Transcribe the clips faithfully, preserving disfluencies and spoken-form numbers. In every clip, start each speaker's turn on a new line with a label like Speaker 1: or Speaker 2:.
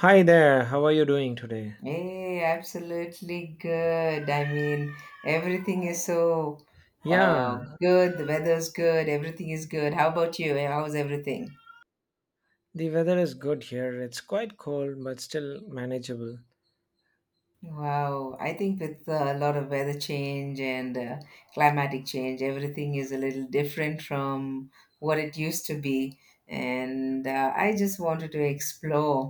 Speaker 1: Hi there, how are you doing today?
Speaker 2: Hey, absolutely good. I mean, everything is so uh,
Speaker 1: Yeah,
Speaker 2: good. The weather's good. Everything is good. How about you? How's everything?
Speaker 1: the weather is good here. It's quite cold, but still manageable.
Speaker 2: Wow. I think with uh, a lot of weather change and uh, climatic change, everything is a little different from what it used to be. And uh, I just wanted to explore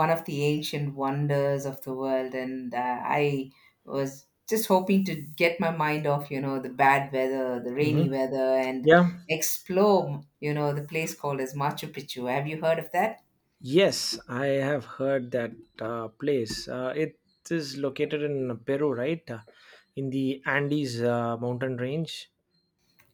Speaker 2: one of the ancient wonders of the world, and uh, I was just hoping to get my mind off you know the bad weather, the
Speaker 1: Hmm.
Speaker 2: rainy weather, and
Speaker 1: Yeah.
Speaker 2: explore you know the place called as Machu Picchu. Have you heard of that?
Speaker 1: Yes, I have heard that uh, place. Uh, it is located in Peru, right? Uh, in the Andes uh, mountain range.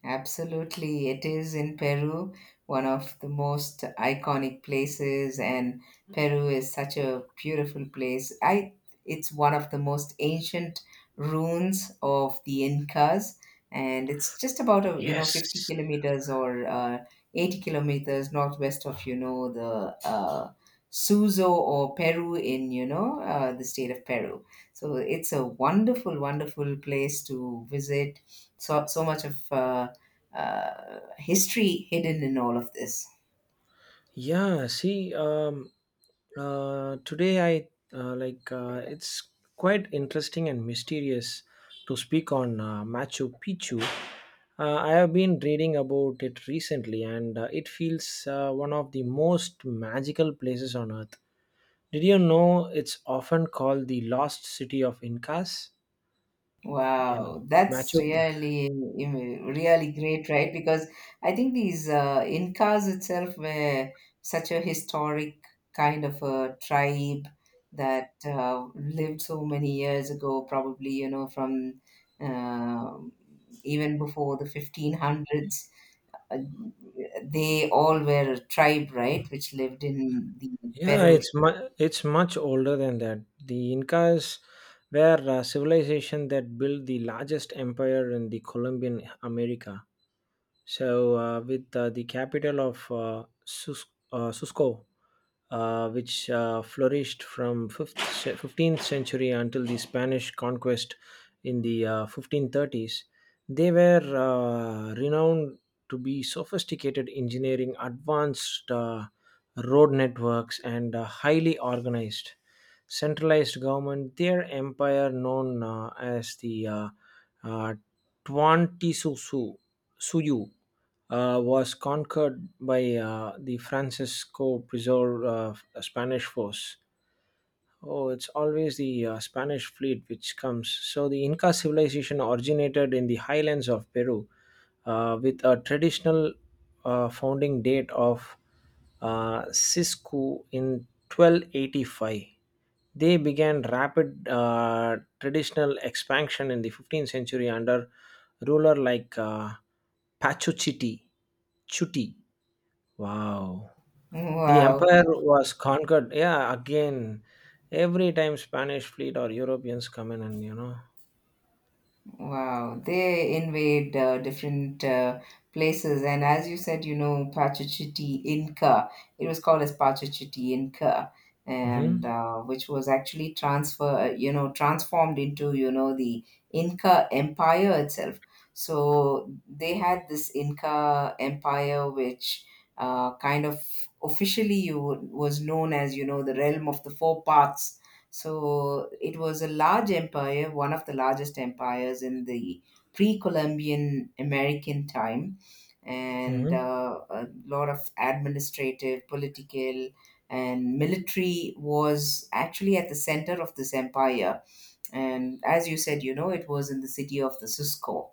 Speaker 2: Absolutely. It is in Peru, one of the most iconic places, and Peru is such a beautiful place. I it's one of the most ancient ruins of the Incas, and it's just about a, you know fifty
Speaker 1: Yes.
Speaker 2: kilometers or uh, eighty kilometers northwest of you know the uh, Suzo or Peru, in you know uh, the state of Peru. So it's a wonderful, wonderful place to visit. So so much of uh, uh, history hidden in all of this.
Speaker 1: Yeah, see, um, uh, Today I uh, like uh, it's quite interesting and mysterious to speak on uh, Machu Picchu. Uh, I have been reading about it recently, and uh, it feels uh, one of the most magical places on earth. Did you know it's often called the lost city of Incas? Yeah,
Speaker 2: Wow, that's
Speaker 1: Machu.
Speaker 2: really you know, really great, right? Because I think these uh, Incas itself were such a historic kind of a tribe that uh, lived so many years ago, probably you know from um even before the fifteen hundreds. Uh, they all were a tribe, right, which lived in the
Speaker 1: Yeah,
Speaker 2: Peru.
Speaker 1: it's mu- it's much older than that. The Incas were a civilization that built the largest empire in the Colombian America. So, uh, with uh, the capital of uh, Sus- uh, Cusco, uh, which uh, flourished from fifth, ce- fifteenth century until the Spanish conquest in the uh, fifteen thirties. They were uh, renowned to be sophisticated engineering, advanced uh, road networks, and uh, highly organized centralized government. Their empire, known uh, as the uh, uh, Tuan Tisusu Suyu uh, was conquered by uh, the Francisco preserved uh, Spanish force. Oh, it's always the uh, Spanish fleet which comes. So, the Inca civilization originated in the highlands of Peru uh, with a traditional uh, founding date of uh, Cisco in twelve eighty-five. They began rapid uh, traditional expansion in the fifteenth century under ruler like uh, Pachuchiti. Chuti. Wow. The
Speaker 2: Wow.
Speaker 1: empire was conquered. Yeah, again, every time Spanish fleet or Europeans come in, and you know.
Speaker 2: Wow, they invade uh, different uh, places, and as you said, you know, Pachacuti Inca. It was called as Pachacuti Inca, and
Speaker 1: Mm-hmm.
Speaker 2: uh, which was actually transfer, uh, you know, transformed into you know the Inca Empire itself. So they had this Inca Empire, which uh, kind of officially you was known as you know the realm of the four parts. So it was a large empire, one of the largest empires in the pre Columbian American time, and
Speaker 1: Mm-hmm.
Speaker 2: uh, a lot of administrative, political, and military was actually at the center of this empire. And as you said, you know, it was in the city of the Cisco.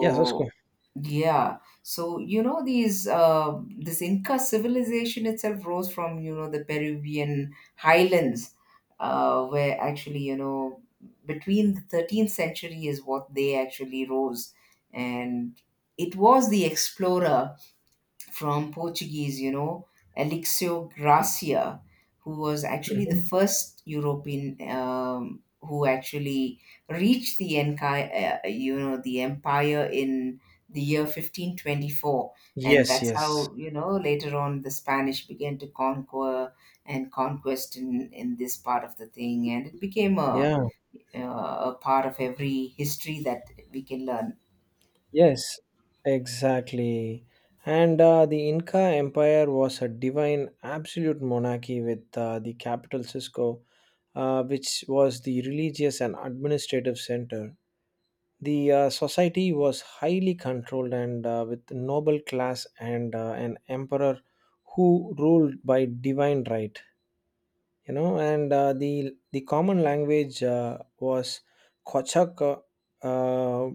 Speaker 1: Yeah, that's cool.
Speaker 2: yeah. So, you know, these uh, this Inca civilization itself rose from, you know, the Peruvian highlands, uh, where actually, you know, between the thirteenth century is what they actually rose. And it was the explorer from Portuguese, you know, Alexio Gracia, who was actually the
Speaker 1: Mm-hmm.
Speaker 2: first European, um, who actually reached the enchi- uh, you know, the empire in the year fifteen twenty-four. And
Speaker 1: Yes,
Speaker 2: that's
Speaker 1: yes.
Speaker 2: how, you know, later on the Spanish began to conquer and conquest in, in this part of the thing. And it became a,
Speaker 1: Yeah,
Speaker 2: uh, a part of every history that we can learn.
Speaker 1: yes, exactly. And uh, the Inca Empire was a divine, absolute monarchy with uh, the capital Cisco, uh, which was the religious and administrative center. The uh, society was highly controlled and uh, with noble class and uh, an emperor who ruled by divine right. You know, and uh, the the common language uh, was Kochak, uh, uh,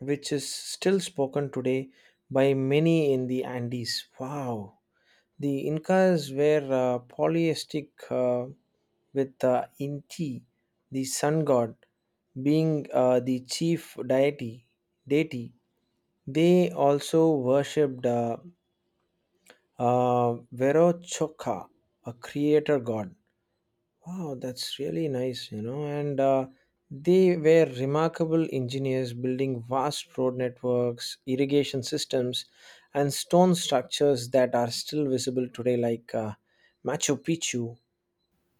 Speaker 1: which is still spoken today by many in the Andes. Wow. The Incas were uh, polytheistic, uh, with uh, Inti, the sun god, being uh, the chief deity. Deity. They also worshipped uh, uh, Verochoca, a creator god. Wow, that's really nice, you know. And uh, they were remarkable engineers building vast road networks, irrigation systems, and stone structures that are still visible today, like uh, Machu Picchu.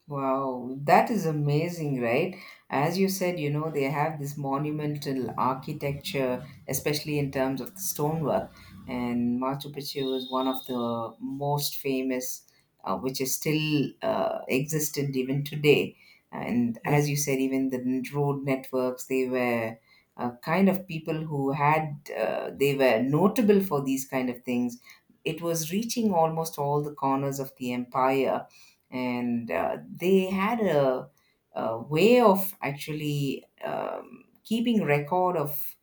Speaker 2: Wow, that is amazing, right? As you said, you know, they have this monumental architecture, especially in terms of the stonework. And Machu Picchu is one of the most famous, uh, which is still uh, existent even today. And
Speaker 1: Yeah,
Speaker 2: as you said, even the n- road networks, they were uh, kind of people who had, uh, they were notable for these kind of things. It was reaching almost all the corners of the empire, and uh, they had a, a way of actually um, keeping record of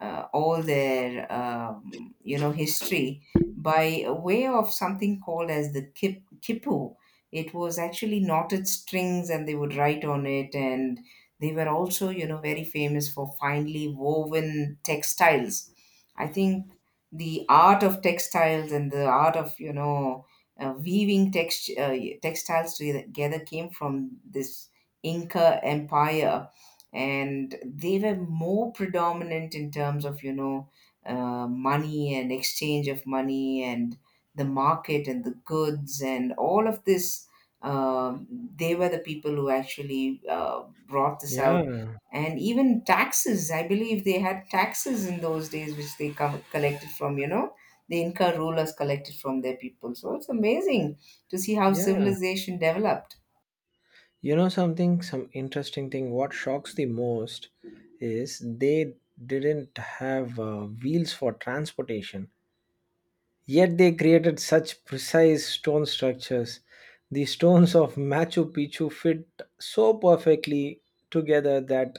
Speaker 2: uh, all their um, you know history by a way of something called as the kip, kipu. It was actually knotted strings, and they would write on it, and they were also you know very famous for finely woven textiles. I think the art of textiles and the art of you know uh, weaving text, uh, textiles together came from this Inca Empire, and they were more predominant in terms of you know uh, money and exchange of money and the market and the goods and all of this. Um, they were the people who actually uh, brought this out.
Speaker 1: yeah,
Speaker 2: And even taxes, I believe they had taxes in those days, which they co- collected from you know the Inca rulers collected from their people. So it's amazing to see how
Speaker 1: yeah.
Speaker 2: civilization developed.
Speaker 1: You know something, some interesting thing. What shocks the most is they didn't have uh, wheels for transportation. Yet they created such precise stone structures. The stones of Machu Picchu fit so perfectly together that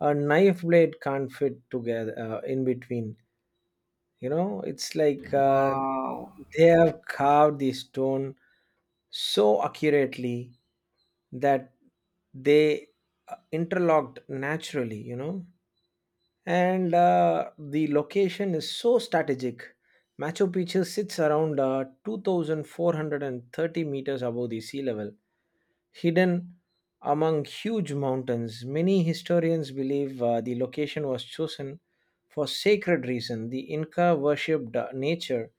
Speaker 1: a knife blade can't fit together uh, in between. You know, it's like uh,
Speaker 2: Wow.
Speaker 1: they have carved the stone so accurately that they uh, interlocked naturally, you know. And uh, the location is so strategic. Machu Picchu sits around uh, two thousand four hundred thirty meters above the sea level, hidden among huge mountains. Many historians believe uh, the location was chosen for sacred reason. The Inca worshipped uh, nature,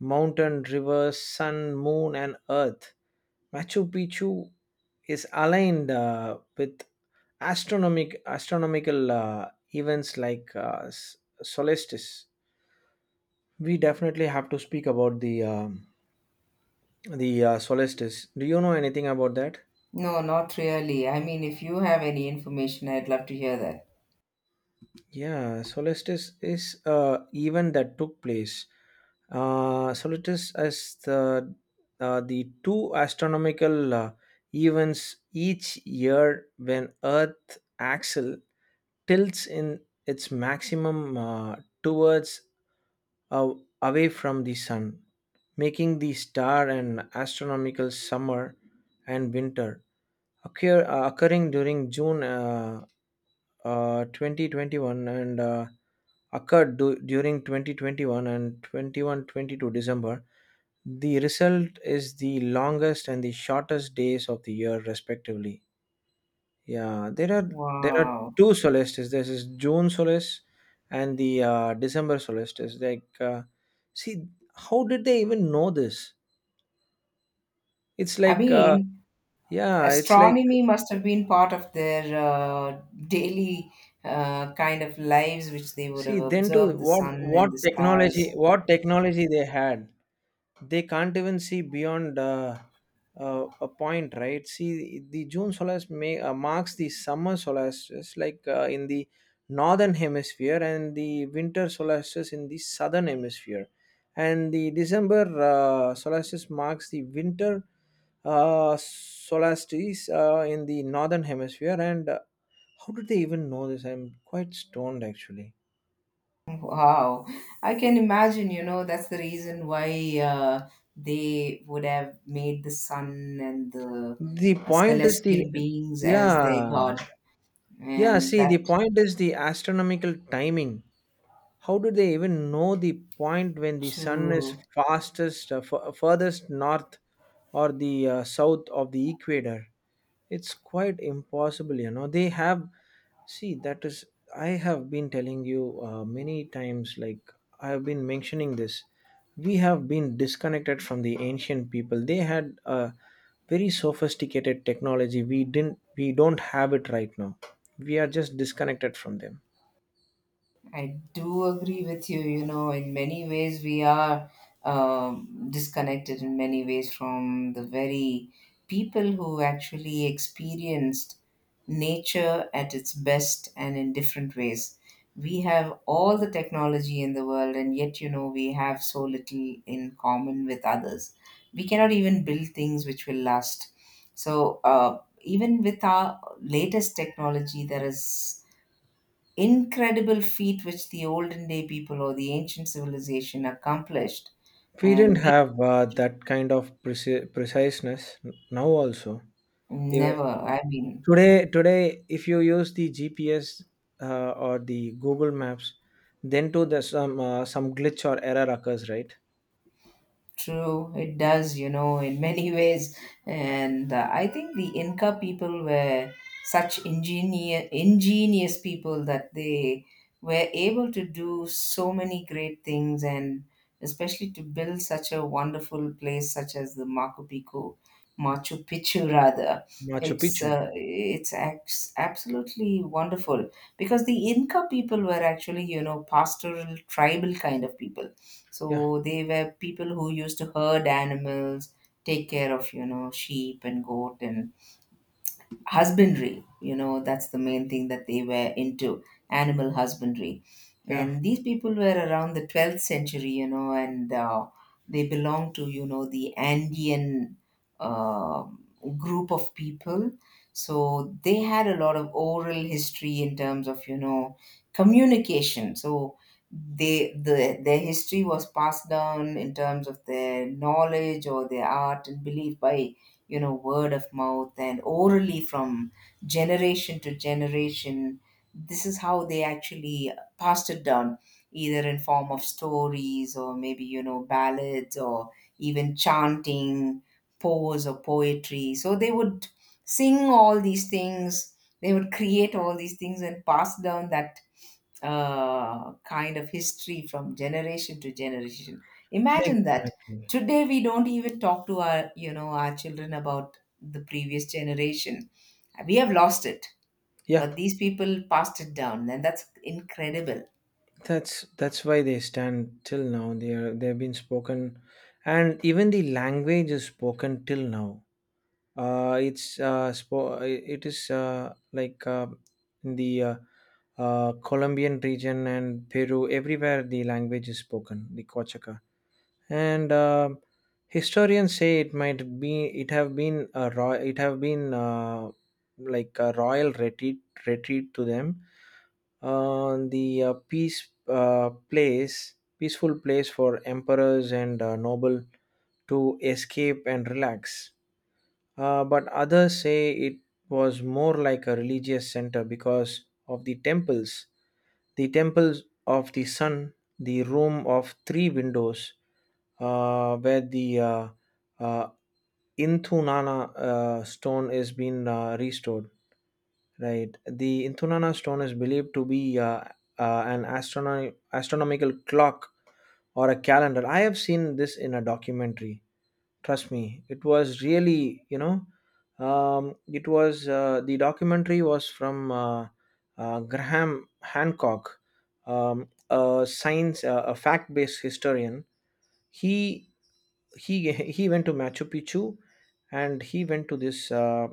Speaker 1: mountain, rivers, sun, moon, and earth. Machu Picchu is aligned uh, with astronomic astronomical uh, events like uh, s- solstice. We definitely have to speak about the um the uh, solstice. Do you know anything about that?
Speaker 2: No, not really. I mean, if you have any information, I'd love to hear that.
Speaker 1: Yeah, solstice is a event that took place. Uh, solstice is the uh, the two astronomical uh, events each year when Earth axle tilts in its maximum uh, towards uh, away from the sun, making the star an astronomical summer and winter occur, uh, occurring during June uh, uh, twenty twenty-one and uh, occurred du- during twenty twenty-one and twenty one twenty two December. The result is the longest and the shortest days of the year, respectively. Yeah, there are there are
Speaker 2: Wow.
Speaker 1: two solstices. This is June solstice and the uh, December solstice. Like, uh, see, how did they even know this? It's
Speaker 2: I
Speaker 1: like, uh,
Speaker 2: mean,
Speaker 1: yeah, it's like,
Speaker 2: astronomy must have been part of their uh, daily uh, kind of lives, which they would
Speaker 1: See,
Speaker 2: have
Speaker 1: then to
Speaker 2: observed the
Speaker 1: what
Speaker 2: sun
Speaker 1: what
Speaker 2: and the stars.
Speaker 1: technology what technology they had. They can't even see beyond uh, uh, a point, right? See, the June solstice may, uh, marks the summer solstice, like uh, in the northern hemisphere, and the winter solstice in the southern hemisphere. And the December uh, solstice marks the winter uh, solstice uh, in the northern hemisphere. And uh, how did they even know this? I'm quite stoned actually.
Speaker 2: Wow, I can imagine, you know, that's the reason why uh, they would have made the sun and the
Speaker 1: The
Speaker 2: uh,
Speaker 1: point is
Speaker 2: celestial
Speaker 1: the
Speaker 2: beings as their
Speaker 1: yeah
Speaker 2: god.
Speaker 1: Yeah,
Speaker 2: And
Speaker 1: see, the
Speaker 2: that
Speaker 1: point is the astronomical timing. How do they even know the point when the sun is
Speaker 2: too.
Speaker 1: fastest, uh, f- furthest north or the uh, south of the equator? It's quite impossible, you know. They have, see, that is, I have been telling you uh, many times, like, I have been mentioning this. We have been disconnected from the ancient people. They had a very sophisticated technology. We didn't, we don't have it right now. We are just disconnected from them.
Speaker 2: I do agree with you. You know, in many ways, we are, um, disconnected in many ways from the very people who actually experienced nature at its best and in different ways. We have all the technology in the world, and yet, you know, we have so little in common with others. We cannot even build things which will last. So, uh, even with our latest technology, there is incredible feat which the olden day people or the ancient civilization accomplished,
Speaker 1: We didn't
Speaker 2: and we
Speaker 1: have uh, that kind of preci- preciseness n- now, also. If,
Speaker 2: never. I mean,
Speaker 1: Today, today, if you use the G P S uh, or the Google Maps, then too there's some uh, some glitch or error occurs, right?
Speaker 2: true, it does, you know, in many ways. And uh, I think the Inca people were such ingenious, ingenious people that they were able to do so many great things, and especially to build such a wonderful place such as the Machu Picchu, Machu Picchu rather.
Speaker 1: Machu
Speaker 2: It's
Speaker 1: Picchu.
Speaker 2: uh, it's ex- absolutely wonderful, because the Inca people were actually, you know, pastoral tribal kind of people.
Speaker 1: Yeah,
Speaker 2: So they were people who used to herd animals, take care of, you know, sheep and goat and husbandry you know That's the main thing that they were into, animal husbandry.
Speaker 1: yeah,
Speaker 2: And these people were around the twelfth century, you know and uh, they belonged to you know the Andean uh, group of people. So they had a lot of oral history in terms of you know communication. So they the their history was passed down in terms of their knowledge or their art and belief by you know word of mouth and orally from generation to generation. This is how they actually passed it down, either in form of stories, or maybe you know ballads, or even chanting, pose or poetry. So they would sing all these things, they would create all these things and pass down that uh, kind of history from generation to generation. Imagine that.
Speaker 1: exactly.
Speaker 2: Today we don't even talk to our, you know, our children about the previous generation. We have lost it,
Speaker 1: Yeah,
Speaker 2: but these people passed it down, and that's incredible.
Speaker 1: that's that's why they stand till now. They are they've been spoken, and even the language is spoken till now. Uh, it's uh, spo- it is uh, like uh, in the uh, uh, Colombian region and Peru. Everywhere the language is spoken, the Quechua. And uh, historians say it might be it have been a ro- it have been uh, like a royal retreat retreat to them on the uh, peace uh, place peaceful place for emperors and uh, noble to escape and relax, uh, but others say it was more like a religious center because of the temples, the temples of the sun, the room of three windows, uh, where the uh, uh, Inthunana uh, stone is being uh, restored. Right. The Inthunana stone is believed to be uh, uh, an astrono- astronomical clock or a calendar. I have seen this in a documentary. Trust me, it was really, you know, um, it was uh, the documentary was from uh, uh, Graham Hancock, um, a science uh, a fact based historian. He he he went to Machu Picchu and he went to this uh,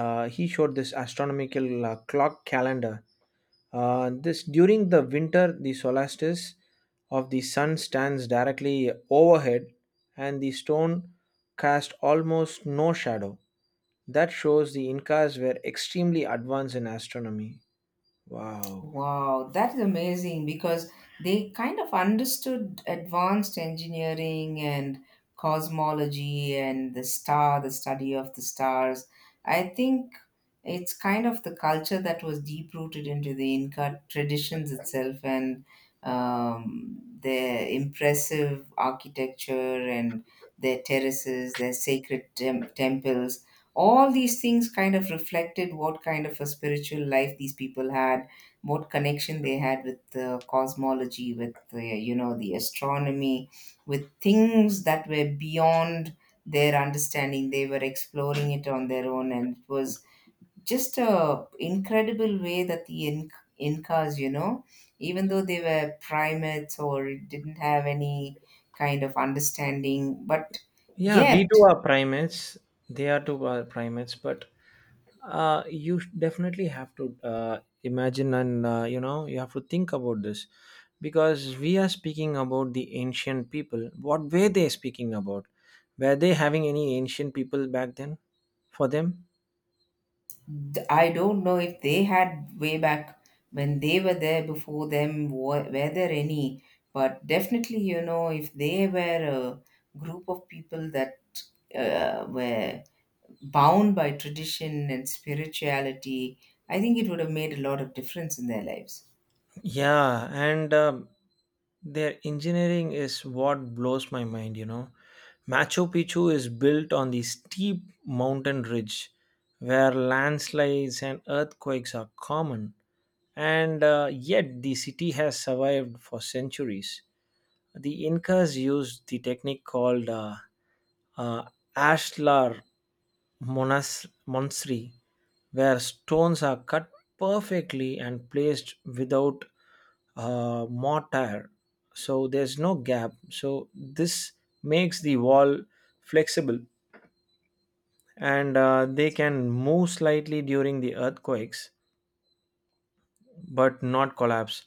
Speaker 1: uh, he showed this astronomical uh, clock calendar. Uh, this during the winter the solstice of the sun stands directly overhead and the stone cast almost no shadow. That shows the Incas were extremely advanced in astronomy. Wow.
Speaker 2: Wow, that is amazing because they kind of understood advanced engineering and cosmology and the star, the study of the stars. I think it's kind of the culture that was deep rooted into the Inca traditions itself, and um, their impressive architecture and their terraces, their sacred tem- temples. All these things kind of reflected what kind of a spiritual life these people had, what connection they had with uh, cosmology, with uh, you know the astronomy, with things that were beyond their understanding. They were exploring it on their own, and it was just a incredible way that the Inc- Incas, you know, even though they were primates or didn't have any kind of understanding, but
Speaker 1: Yeah, we
Speaker 2: yet.
Speaker 1: too are primates. They are too are primates, but uh, you sh- definitely have to uh, imagine and uh, you know you have to think about this, because we are speaking about the ancient people. What were they speaking about? Were they having any ancient people back then for them?
Speaker 2: th- I don't know if they had way back, when they were there before them, were, were there any? But definitely, you know, if they were a group of people that uh, were bound by tradition and spirituality, I think it would have made a lot of difference in their lives.
Speaker 1: Yeah, and um, their engineering is what blows my mind, you know. Machu Picchu is built on the steep mountain ridge where landslides and earthquakes are common, and uh, yet the city has survived for centuries. The Incas used the technique called uh, uh, ashlar monas- monsri, where stones are cut perfectly and placed without uh, mortar. So there's no gap. So this makes the wall flexible and uh, they can move slightly during the earthquakes but not collapse.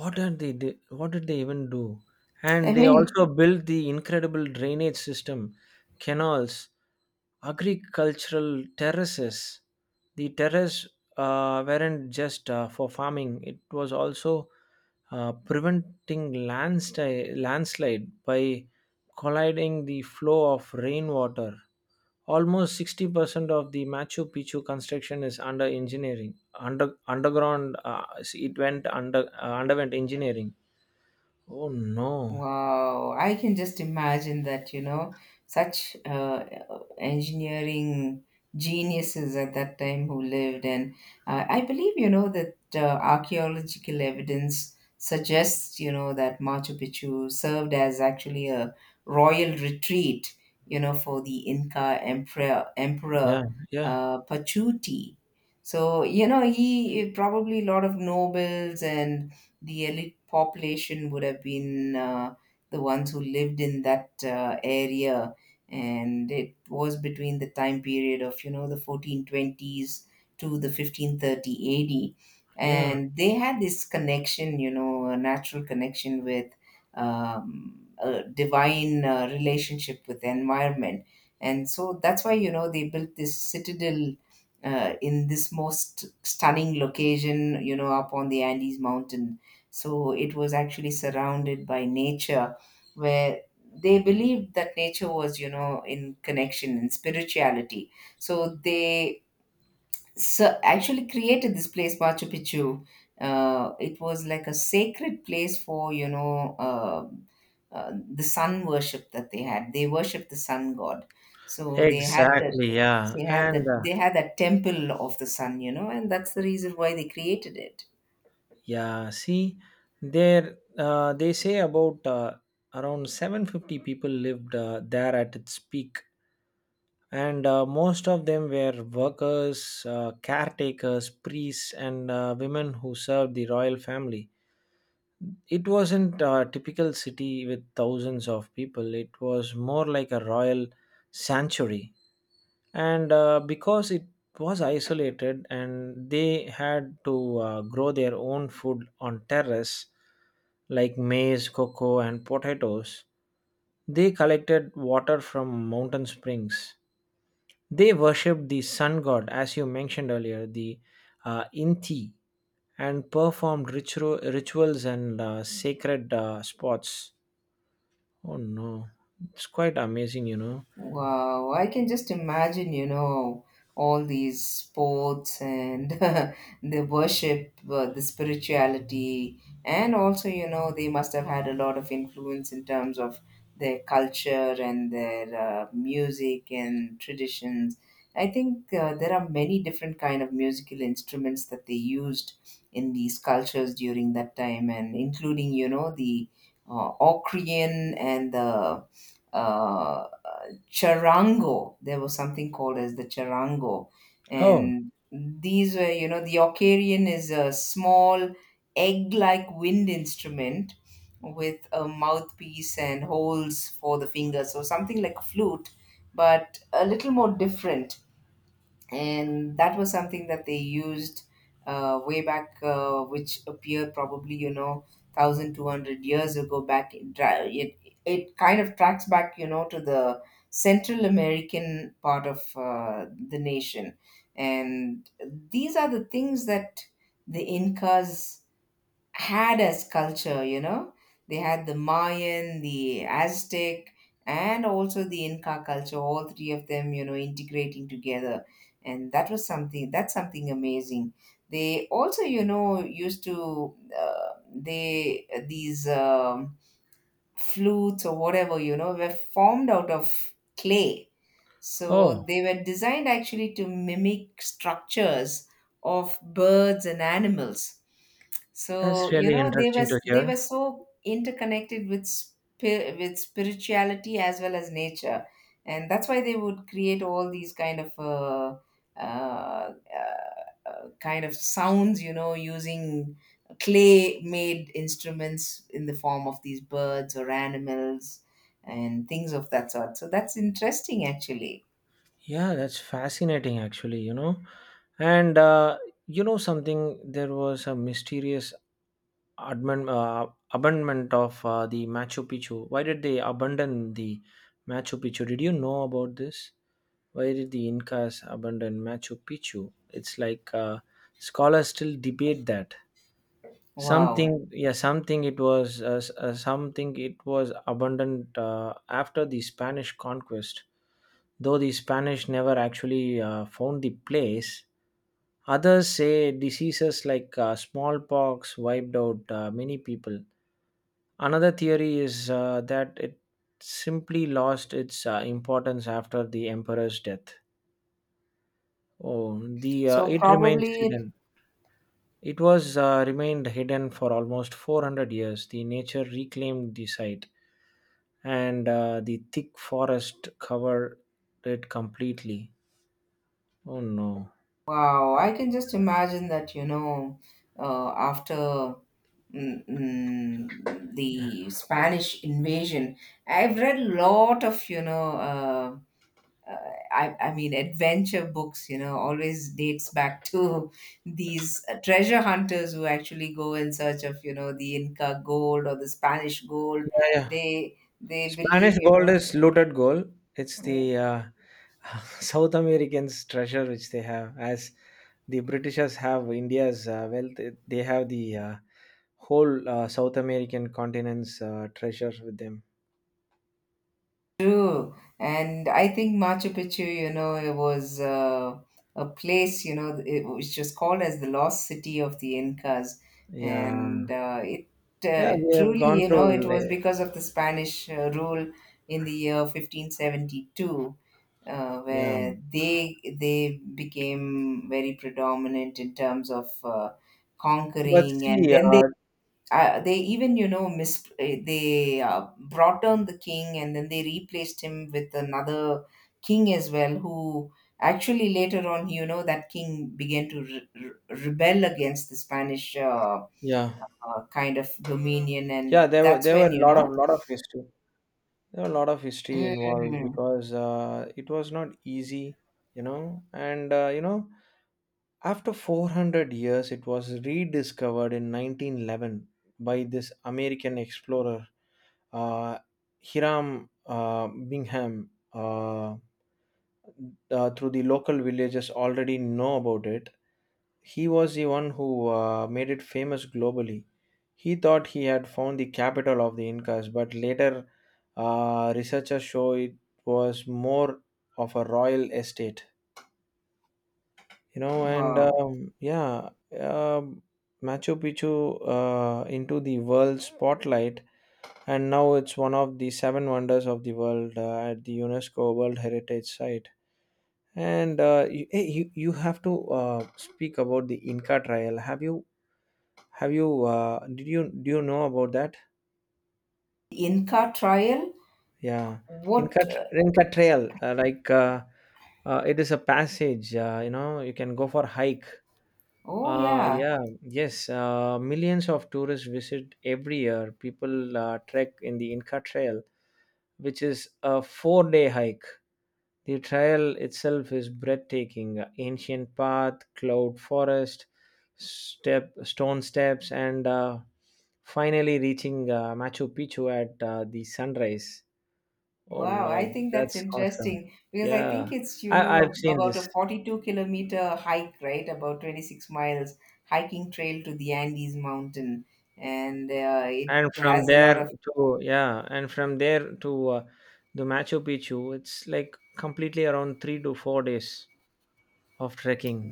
Speaker 1: What did they do- what did they even do?
Speaker 2: I
Speaker 1: And they
Speaker 2: mean,
Speaker 1: also built the incredible drainage system, canals, agricultural terraces. The terrace uh, weren't just uh, for farming; it was also uh, preventing landslide, landslide by colliding the flow of rainwater. Almost sixty percent of the Machu Picchu construction is under engineering. Under underground, uh, it went under uh, underwent engineering. Oh no!
Speaker 2: wow, I can just imagine that, you know, such uh, engineering geniuses at that time who lived. And uh, I believe, you know, that uh, archaeological evidence suggests, you know, that Machu Picchu served as actually a royal retreat, you know, for the Inca emperor,
Speaker 1: Yeah,
Speaker 2: emperor
Speaker 1: yeah,
Speaker 2: uh, Pachuti. So, you know, he probably a lot of nobles and the elite population would have been uh, the ones who lived in that uh, area. And it was between the time period of you know the fourteen twenties to the fifteen thirty A D,
Speaker 1: yeah.
Speaker 2: and they had this connection, you know a natural connection with, um, a divine uh, relationship with the environment. And so that's why you know they built this citadel uh, in this most stunning location, you know up on the Andes mountain. So it was actually surrounded by nature, where they believed that nature was, you know in connection and spirituality. So they so actually created this place Machu Picchu. Uh, it was like a sacred place for you know uh, uh, the sun worship that they had. They worshiped the sun god. So they had that
Speaker 1: Exactly. Yeah,
Speaker 2: they had that
Speaker 1: and uh,
Speaker 2: they had that temple of the sun, you know and that's the reason why they created it.
Speaker 1: yeah. See, there uh, they say about uh, around seven hundred fifty people lived uh, there at its peak, and uh, most of them were workers, uh, caretakers, priests, and uh, women who served the royal family. It wasn't a typical city with thousands of people, it was more like a royal sanctuary. And uh, because it was isolated and they had to uh, grow their own food on terrace like maize, cocoa, and potatoes, they collected water from mountain springs. They worshipped the sun god, as you mentioned earlier, the uh, Inti, and performed ritual, rituals and uh, sacred uh, spots. Oh no, it's quite amazing, you know.
Speaker 2: Wow, I can just imagine, you know, all these sports and the worship, uh, the spirituality, and also, you know, they must have had a lot of influence in terms of their culture and their uh, music and traditions. I think uh, there are many different kind of musical instruments that they used in these cultures during that time, and including, you know, the uh, Austrian and the uh, charango. There was something called as the charango,
Speaker 1: Oh,
Speaker 2: and these were, you know, the Ocardion is a small egg-like wind instrument with a mouthpiece and holes for the fingers, so something like a flute, but a little more different, and that was something that they used uh, way back, uh, which appeared probably you know one thousand two hundred years ago back. In, tra- it it kind of tracks back, you know, to the Central American part of uh, the nation, and these are the things that the Incas had as culture, you know. They had the Mayan, the Aztec, and also the Inca culture, all three of them, you know, integrating together. And that was something, that's something amazing. They also, you know, used to, uh, they, these um, flutes or whatever, you know, were formed out of clay, so
Speaker 1: oh,
Speaker 2: they were designed actually to mimic structures of birds and animals. So
Speaker 1: that's
Speaker 2: you
Speaker 1: really
Speaker 2: know they were
Speaker 1: interesting to
Speaker 2: they were
Speaker 1: hear.
Speaker 2: so interconnected with spi- with spirituality as well as nature, and that's why they would create all these kind of uh, uh, uh, uh, kind of sounds. You know, using clay made instruments in the form of these birds or animals and things of that sort. So that's interesting actually.
Speaker 1: Yeah, that's fascinating, actually, you know. And uh, you know something, there was a mysterious abandon, uh, abandonment of uh, the Machu Picchu. Why did they abandon the Machu Picchu? Did you know about this? Why did the Incas abandon Machu Picchu? It's like uh, scholars still debate that.
Speaker 2: Wow.
Speaker 1: Something yeah something It was uh, s- uh, something it was abundant uh, after the Spanish conquest, though the Spanish never actually uh, found the place. Others say diseases like uh, smallpox wiped out uh, many people. Another theory is uh, that it simply lost its uh, importance after the emperor's death. Oh, the uh,
Speaker 2: So
Speaker 1: it remains
Speaker 2: probably,
Speaker 1: hidden. It was uh, remained hidden for almost four hundred years. The nature reclaimed the site, and uh, the thick forest covered it completely. Oh no!
Speaker 2: wow, I can just imagine that, you know, uh, after mm, mm,
Speaker 1: Yeah,
Speaker 2: the Spanish invasion, I've read a lot of, you know, uh, uh, I, I mean, adventure books, you know, always dates back to these uh, treasure hunters who actually go in search of, you know, the Inca gold or the Spanish gold.
Speaker 1: yeah. yeah.
Speaker 2: They they believe,
Speaker 1: Spanish
Speaker 2: you
Speaker 1: gold
Speaker 2: know.
Speaker 1: is looted gold. It's
Speaker 2: Mm.
Speaker 1: the uh, South Americans' treasure which they have. As the Britishers have India's uh, wealth, it- they have the uh, whole uh, South American continent's uh, treasure with them.
Speaker 2: True, and I think Machu Picchu, you know, it was uh, a place, you know, it was just called as the lost city of the Incas, and
Speaker 1: Yeah,
Speaker 2: uh, it
Speaker 1: yeah.
Speaker 2: uh,
Speaker 1: We have
Speaker 2: truly,
Speaker 1: gone
Speaker 2: you know, it
Speaker 1: through,
Speaker 2: was
Speaker 1: like,
Speaker 2: because of the Spanish uh, rule in the year fifteen seventy-two, uh,
Speaker 1: yeah.
Speaker 2: where they they became very predominant in terms of uh,
Speaker 1: But
Speaker 2: conquering, and
Speaker 1: see,
Speaker 2: then they
Speaker 1: uh,
Speaker 2: uh, they even you know mis- eh, they uh, brought down the king and then they replaced him with another king as well who actually later on you know that king began to re- re- rebel against the Spanish uh,
Speaker 1: yeah,
Speaker 2: uh, kind of dominion, and
Speaker 1: yeah, there were
Speaker 2: that's
Speaker 1: there were
Speaker 2: when
Speaker 1: a
Speaker 2: you
Speaker 1: lot of
Speaker 2: know.
Speaker 1: lot of history. There were a lot of history involved
Speaker 2: Mm.
Speaker 1: because uh, it was not easy, you know. And uh, you know, after four hundred years, it was rediscovered in nineteen eleven by this American explorer, uh, Hiram uh, Bingham. Uh, uh, through the local villagers already know about it. He was the one who uh, made it famous globally. He thought he had found the capital of the Incas, but later uh, researchers show it was more of a royal estate. You know, and
Speaker 2: Wow.
Speaker 1: um, yeah, um Machu Picchu uh, into the world spotlight, and now it's one of the seven wonders of the world, uh, at the UNESCO World Heritage Site. And uh, you, eh, you you have to uh, speak about the Inca trial. Have you have you uh, did you Do you know about that?
Speaker 2: Inca trial.
Speaker 1: Yeah, in
Speaker 2: What, uh,
Speaker 1: Cat- in Catrayal, uh, like uh, uh, it is a passage. Uh, you know, you can go for hike.
Speaker 2: oh
Speaker 1: Uh,
Speaker 2: yeah.
Speaker 1: yeah, yes. Uh, millions of tourists visit every year. People uh, trek in the Inca Trail, which is a four-day hike. The trail itself is breathtaking. Ancient path, cloud forest, step stone steps, and uh, finally reaching uh, Machu Picchu at uh, the sunrise. Oh
Speaker 2: Wow, I
Speaker 1: no,
Speaker 2: think that's
Speaker 1: that's awesome.
Speaker 2: interesting because I think
Speaker 1: Yeah,
Speaker 2: it's, you
Speaker 1: I,
Speaker 2: know,
Speaker 1: I've seen
Speaker 2: about
Speaker 1: this.
Speaker 2: a forty-two kilometer hike, right? About twenty-six miles hiking trail to the Andes Mountain. And uh, it
Speaker 1: And
Speaker 2: has
Speaker 1: from
Speaker 2: a lot
Speaker 1: there
Speaker 2: of,
Speaker 1: to, yeah, and from there to uh, the Machu Picchu, it's like completely around three to four days of trekking.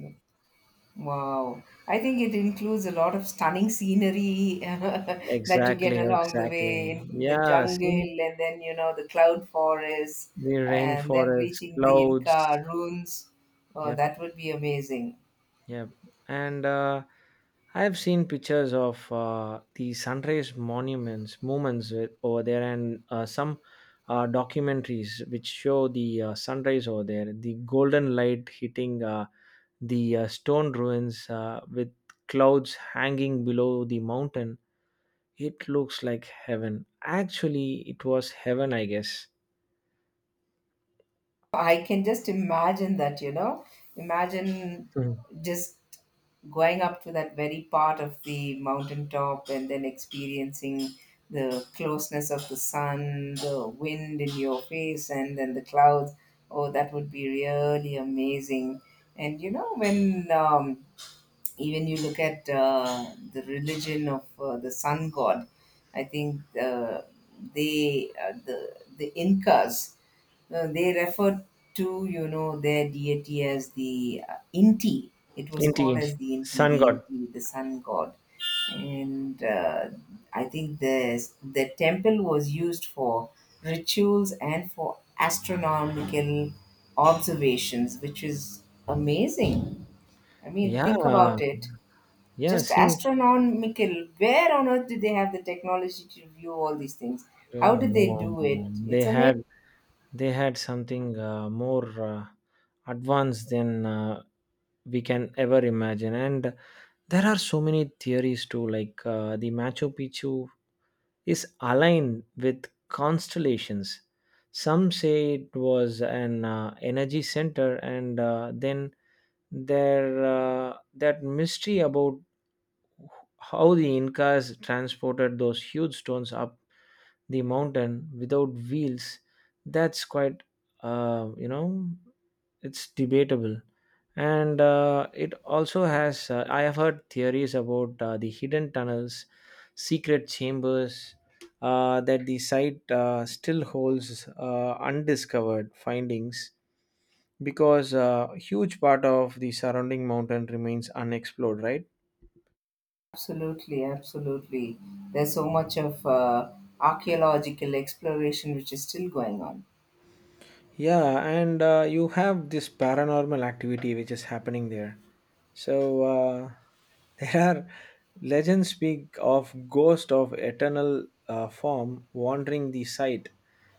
Speaker 2: wow. I think it includes a lot of stunning scenery that you get
Speaker 1: Exactly,
Speaker 2: along the way
Speaker 1: exactly.
Speaker 2: in the
Speaker 1: Yeah, see
Speaker 2: jungle and then, you know, the cloud forest
Speaker 1: the
Speaker 2: and then
Speaker 1: rainforest,
Speaker 2: reaching the
Speaker 1: clouds.
Speaker 2: Inca ruins. Oh,
Speaker 1: Yep.
Speaker 2: that would be amazing.
Speaker 1: Yeah, and uh, I have seen pictures of uh, the sunrise monuments, movements with, over there, and uh, some uh, documentaries which show the uh, sunrise over there, the golden light hitting uh, the uh, stone ruins uh, with clouds hanging below the mountain. It looks like heaven. Actually, it was heaven, I guess.
Speaker 2: I can just imagine that, you know. Imagine
Speaker 1: Mhm.
Speaker 2: just going up to that very part of the mountaintop and then experiencing the closeness of the sun, the wind in your face, and then the clouds. Oh, that would be really amazing. And, you know, when um, even you look at uh, the religion of uh, the sun god, I think uh, they uh, the the incas uh, they referred to, you know, their deity as the uh, Inti. It was called
Speaker 1: Indeed,
Speaker 2: as the Inti,
Speaker 1: sun
Speaker 2: the
Speaker 1: god.
Speaker 2: inti the sun god. And uh, i think the the temple was used for rituals and for astronomical observations, which is amazing. I mean,
Speaker 1: Yeah,
Speaker 2: think about it.
Speaker 1: yeah.
Speaker 2: Just
Speaker 1: See,
Speaker 2: astronomical. Where on earth did they have the technology to view all these things?
Speaker 1: I
Speaker 2: How did
Speaker 1: don't
Speaker 2: they do it?
Speaker 1: know.
Speaker 2: It's
Speaker 1: They
Speaker 2: amazing.
Speaker 1: had they had something uh, more uh, advanced than uh, we can ever imagine, and there are so many theories too, like uh, the Machu Picchu is aligned with constellations. Some say it was an uh, energy center, and uh, then there uh, that mystery about how the Incas transported those huge stones up the mountain without wheels, that's quite, uh, you know, it's debatable. And uh, it also has, uh, I have heard theories about uh, the hidden tunnels, secret chambers, uh, that the site uh, still holds uh, undiscovered findings, because a huge part of the surrounding mountain remains unexplored, right?
Speaker 2: Absolutely, absolutely. There's so much of uh, archaeological exploration which is still going on.
Speaker 1: Yeah, and uh, you have this paranormal activity which is happening there. So uh, there are legends speak of ghost of eternal uh, form wandering the site,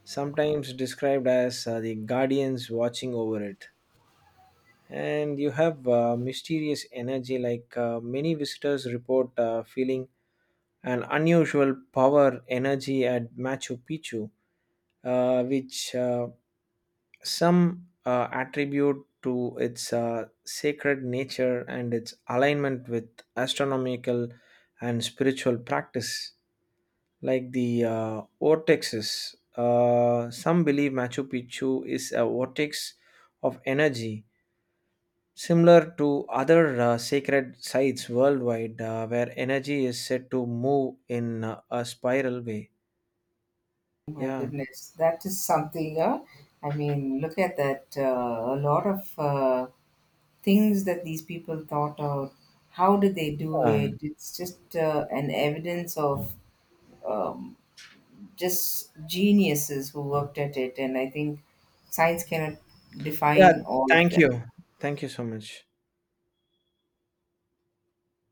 Speaker 1: sometimes described as uh, the guardians watching over it. And you have uh, mysterious energy, like uh, many visitors report uh, feeling an unusual power energy at Machu Picchu, uh, which uh, some uh, attribute to its uh, sacred nature and its alignment with astronomical and spiritual practice, like the uh, vortexes. Uh, some believe Machu Picchu is a vortex of energy, similar to other uh, sacred sites worldwide, uh, where energy is said to move in uh, a spiral way.
Speaker 2: My
Speaker 1: Yeah.
Speaker 2: goodness, that is something. Uh, I mean, look at that. Uh, a lot of uh, things that these people thought out. How did they do
Speaker 1: Uh,
Speaker 2: it? It's just uh, an evidence of um, just geniuses who worked at it, and I think science cannot
Speaker 1: yeah.
Speaker 2: define all of
Speaker 1: Thank
Speaker 2: them.
Speaker 1: you. Thank you so much.